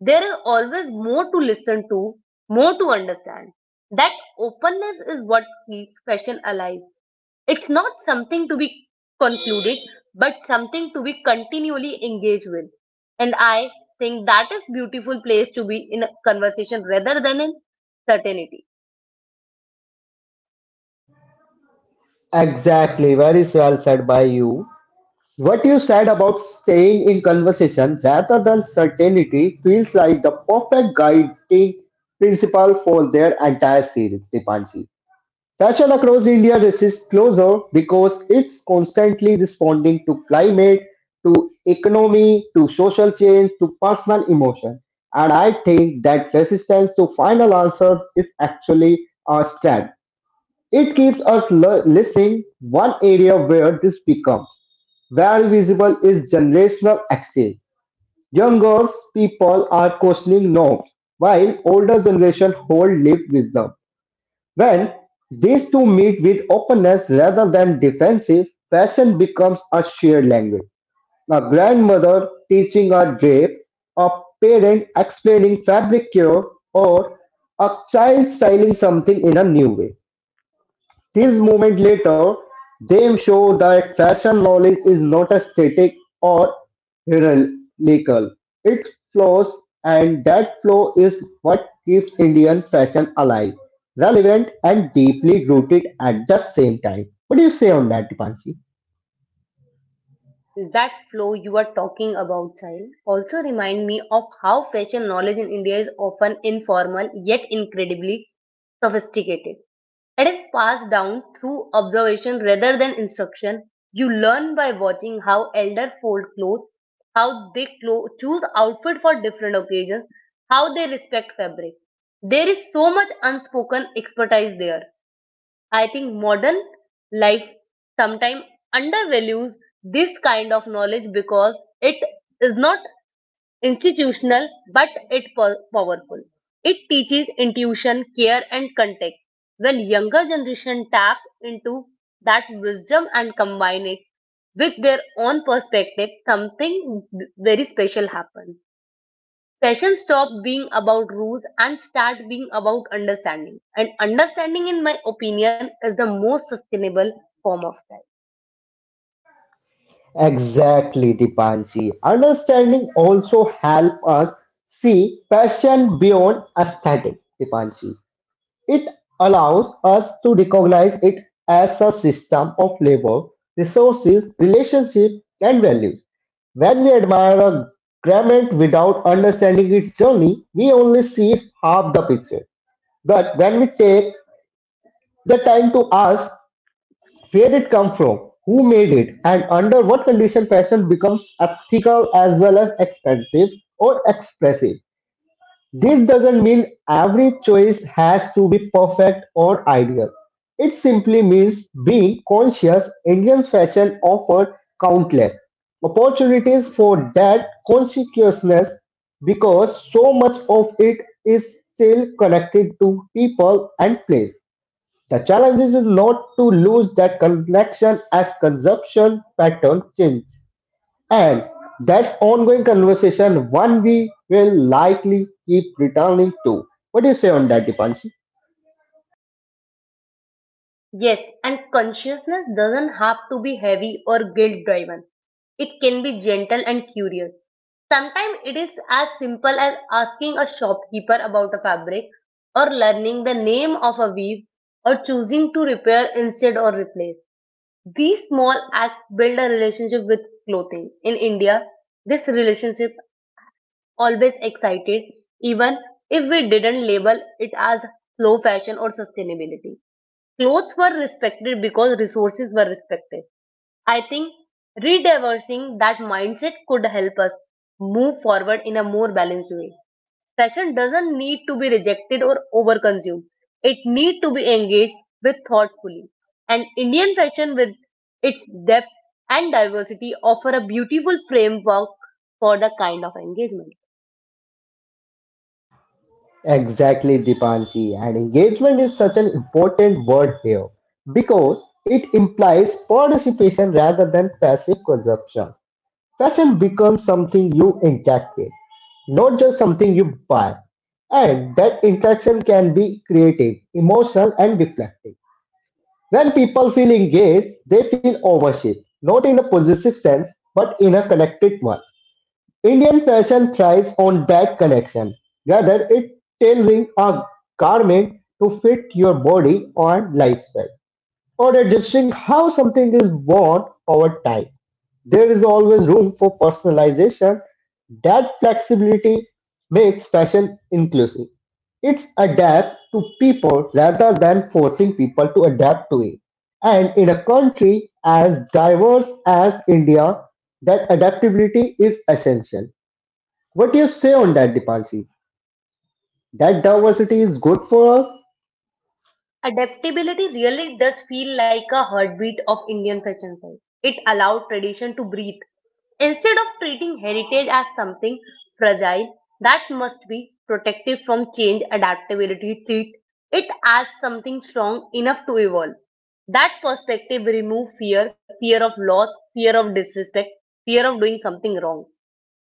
Speaker 2: There is always more to listen to, more to understand. That openness is what keeps fashion alive. It's not something to be concluded, but something to be continually engaged with. And I think that is beautiful place to be in a conversation rather than in certainty.
Speaker 1: Exactly, very well said by you. What you said about staying in conversation rather than certainty feels like the perfect guiding principle for their entire series, Dipanji. Sachar across India resists closure because it's constantly responding to climate, to economy, to social change, to personal emotion. And I think that resistance to final answers is actually a strength. It keeps us listening. One area where this becomes very visible is generational axis. Younger people are questioning norms, while older generation hold lived wisdom. When these two meet with openness rather than defensive, passion becomes a shared language. A grandmother teaching a drape, a parent explaining fabric cure, or a child styling something in a new way. These movements later, they show that fashion knowledge is not a static or hierarchical; it flows, and that flow is what keeps Indian fashion alive, relevant, and deeply rooted at the same time. What do you say on that, Dipanshi?
Speaker 2: That flow you are talking about, child, also remind me of how fashion knowledge in India is often informal yet incredibly sophisticated. It is passed down through observation rather than instruction. You learn by watching how elder fold clothes, how they choose outfit for different occasions, how they respect fabric. There is so much unspoken expertise there. I think modern life sometimes undervalues this kind of knowledge because it is not institutional but it powerful. It teaches intuition, care and context. When younger generation tap into that wisdom and combine it with their own perspective, something very special happens. Fashion stop being about rules and start being about understanding. And understanding, in my opinion, is the most sustainable form of style.
Speaker 1: Exactly, Dipanshi. Understanding also help us see fashion beyond aesthetic, Dipanshi. It allows us to recognize it as a system of labor, resources, relationship, and values. When we admire a garment without understanding its journey, we only see half the picture. But when we take the time to ask where it come from, who made it, and under what condition fashion becomes ethical as well as expensive or expressive, this doesn't mean every choice has to be perfect or ideal. It simply means being conscious. Indian fashion offered countless opportunities for that consciousness because so much of it is still connected to people and place. The challenge is not to lose that connection as consumption pattern change. And that ongoing conversation, one we will likely keep returning to. What do you say on that, Dipanshi?
Speaker 2: Yes, and consciousness doesn't have to be heavy or guilt driven. It can be gentle and curious. Sometimes it is as simple as asking a shopkeeper about a fabric or learning the name of a weave or choosing to repair instead or replace. These small acts build a relationship with clothing. In India, this relationship always excited, even if we didn't label it as slow fashion or sustainability. Clothes were respected because resources were respected. I think rediversing that mindset could help us move forward in a more balanced way. Fashion doesn't need to be rejected or overconsumed. It needs to be engaged with thoughtfully. And Indian fashion with its depth and diversity offer a beautiful framework for the kind of engagement.
Speaker 1: Exactly, Dipanshi. And engagement is such an important word here because it implies participation rather than passive consumption. Fashion becomes something you interact with, not just something you buy. And that interaction can be creative, emotional, and reflective. When people feel engaged, they feel ownership, not in a possessive sense, but in a connected one. Indian fashion thrives on that connection, rather it tailoring a garment to fit your body or lifestyle, or adjusting how something is worn over time. There is always room for personalization. That flexibility makes fashion inclusive. It's adapt to people rather than forcing people to adapt to it. And in a country as diverse as India, that adaptability is essential. What do you say on that, Dipanshi? That diversity is good for us?
Speaker 2: Adaptability really does feel like a heartbeat of Indian fashion sense. It allowed tradition to breathe. Instead of treating heritage as something fragile that must be protected from change, adaptability treat it as something strong enough to evolve. That perspective removes fear, fear of loss, fear of disrespect, fear of doing something wrong.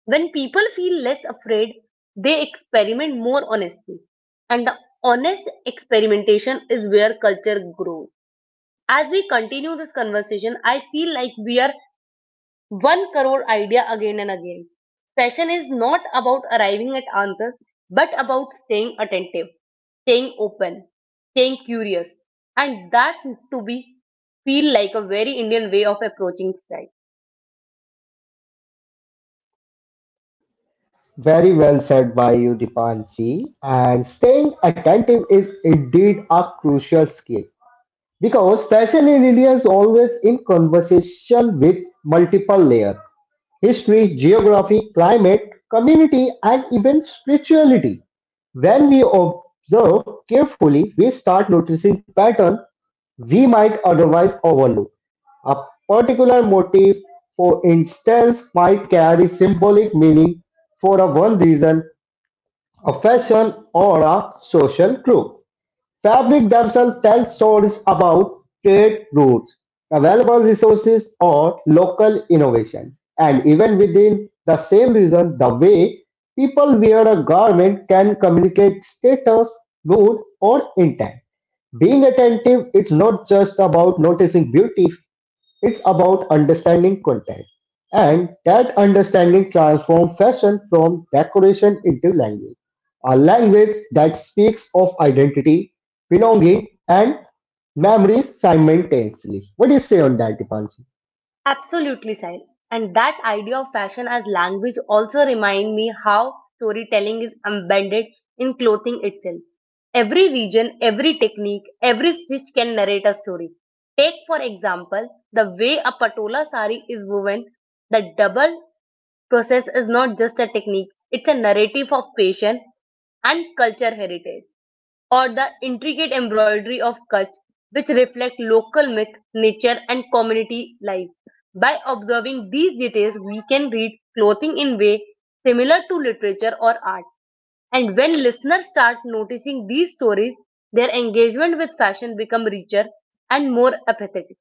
Speaker 2: When people feel less afraid, they experiment more honestly. And the honest experimentation is where culture grows. As we continue this conversation, I feel like we are one crore idea again and again. Fashion is not about arriving at answers, but about staying attentive, staying open, staying curious. And that to be feel like a very Indian way of approaching style.
Speaker 1: Very well said by you, Dipanshi. And staying attentive is indeed a crucial skill. Because fashion in India is always in conversation with multiple layers history, geography, climate, community, and even spirituality. When we observe carefully, we start noticing patterns we might otherwise overlook. A particular motif, for instance, might carry symbolic meaning for a one reason, a fashion, or a social group. Fabric themselves tell stories about trade routes, available resources, or local innovation. And even within the same region, the way people wear a garment can communicate status, mood, or intent. Being attentive, it's not just about noticing beauty, it's about understanding context. And that understanding transforms fashion from decoration into language. A language that speaks of identity, belonging, and memories simultaneously. What do you say on that, Dipanshi?
Speaker 2: Absolutely, Sahil. And that idea of fashion as language also remind me how storytelling is embedded in clothing itself. Every region, every technique, every stitch can narrate a story. Take, for example, the way a patola sari is woven. The double process is not just a technique, it's a narrative of passion and culture heritage. Or the intricate embroidery of cuts which reflect local myth, nature and community life. By observing these details, we can read clothing in way similar to literature or art. And when listeners start noticing these stories, their engagement with fashion become richer and more empathetic.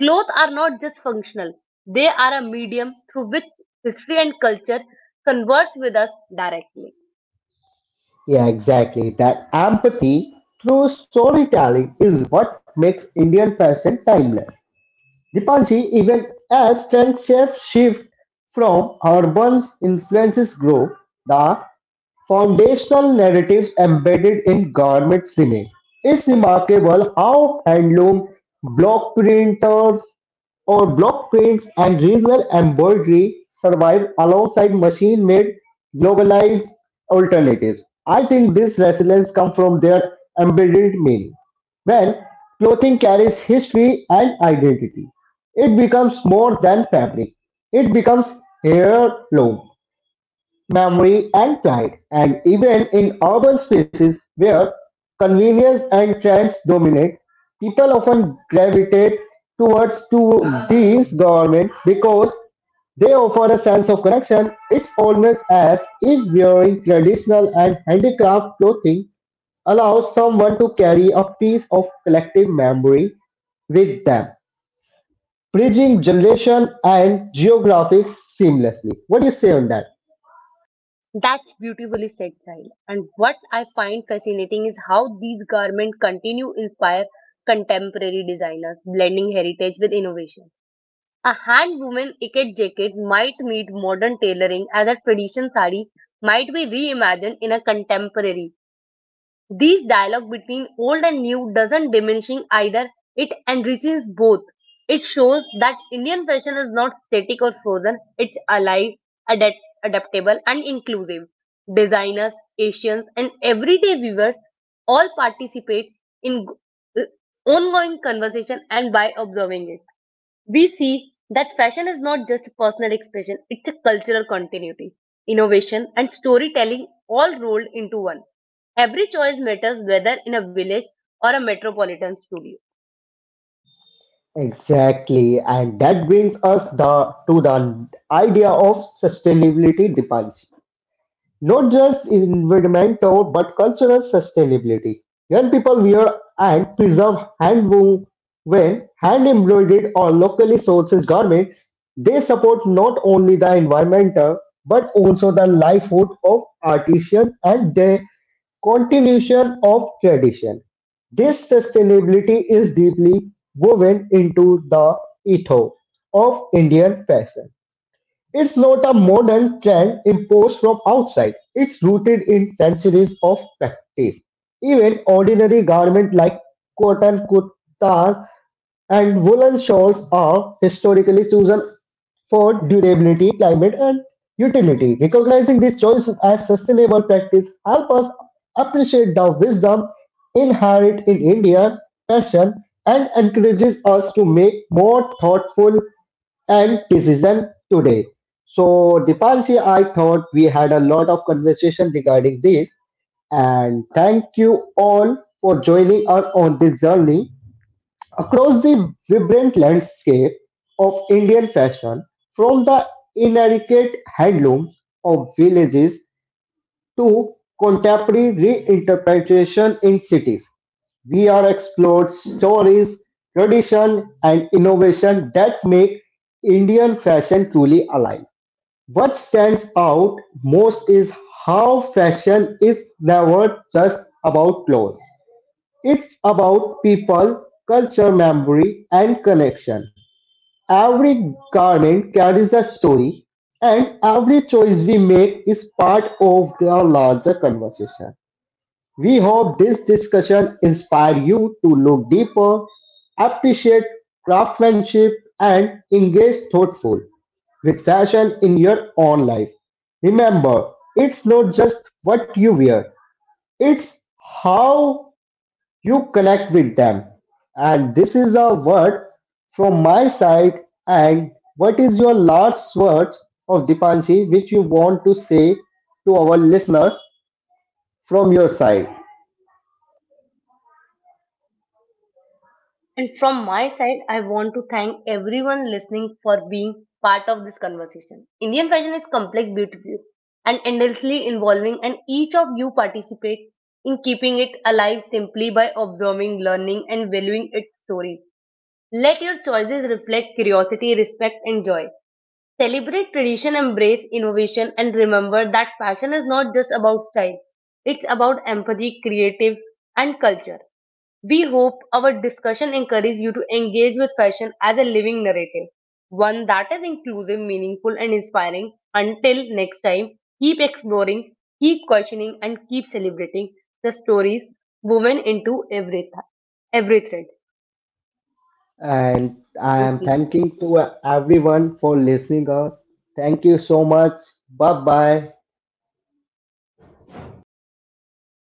Speaker 2: Clothes are not just functional, they are a medium through which history and culture converse with us directly.
Speaker 1: Yeah, exactly. That empathy through storytelling is what makes Indian fashion timeless. Ripalski even as friendships shift from her once influences grow, the foundational narratives embedded in garments remain. It's remarkable how handloom, block printers, or block prints and regional embroidery survive alongside machine-made globalized alternatives. I think this resilience comes from their embedded meaning. When clothing carries history and identity. It becomes more than fabric, it becomes heirloom, memory and pride, and even in urban spaces where convenience and trends dominate, people often gravitate towards to these garments because they offer a sense of connection. It's almost as if wearing traditional and handicraft clothing allows someone to carry a piece of collective memory with them bridging generation and geographics seamlessly. What do you say on that?
Speaker 2: That's beautifully said, Sahil. And what I find fascinating is how these garments continue inspire contemporary designers, blending heritage with innovation. A hand-woven ikat jacket might meet modern tailoring as a traditional sari might be reimagined in a contemporary this dialogue between old and new doesn't diminishing either, it enriches both. It shows that Indian fashion is not static or frozen, it's alive, adapt- adaptable, and inclusive. Designers, Asians, and everyday viewers all participate in ongoing conversation and by observing it. We see that fashion is not just personal expression, it's a cultural continuity. Innovation and storytelling all rolled into one. Every choice matters whether in a village or a metropolitan studio.
Speaker 1: Exactly, and that brings us to the idea of sustainability diplomacy. Not just environmental but cultural sustainability. Young people wear and preserve handloom when hand-embroidered or locally sourced garments, they support not only the environment but also the livelihood of artisans and the continuation of tradition. This sustainability is deeply woven into the ethos of Indian fashion. It's not a modern trend imposed from outside. It's rooted in centuries of practice. Even ordinary garments like cotton kurtas and woolen shawls are historically chosen for durability, climate, and utility. Recognizing these choices as sustainable practice help us appreciate the wisdom inherent in India's fashion and encourages us to make more thoughtful and decision today. So, Dipanshi, I thought we had a lot of conversation regarding this, and thank you all for joining us on this journey across the vibrant landscape of Indian fashion, from the intricate handlooms of villages to contemporary reinterpretation in cities. We are explored stories, tradition, and innovation that make Indian fashion truly alive. What stands out most is how fashion is never just about clothes. It's about people, culture, memory, and connection. Every garment carries a story, and every choice we make is part of the larger conversation. We hope this discussion inspires you to look deeper, appreciate craftsmanship, and engage thoughtful with fashion in your own life. Remember, it's not just what you wear, it's how you connect with them. And this is a word from my side. And what is your last word of Dipanshi which you want to say to our listener from your side?
Speaker 2: And from my side, I want to thank everyone listening for being part of this conversation. Indian fashion is complex, beautiful, and endlessly evolving, and each of you participate in keeping it alive simply by observing, learning, and valuing its stories. Let your choices reflect curiosity, respect, and joy. Celebrate tradition, embrace innovation, and remember that fashion is not just about style, it's about empathy, creative, and culture. We hope our discussion encourages you to engage with fashion as a living narrative, one that is inclusive, meaningful, and inspiring. Until next time, keep exploring, keep questioning, and keep celebrating the stories woven into every thread.
Speaker 1: And I
Speaker 2: Thank
Speaker 1: am
Speaker 2: you.
Speaker 1: thanking to everyone for listening us. Thank you so much. Bye bye.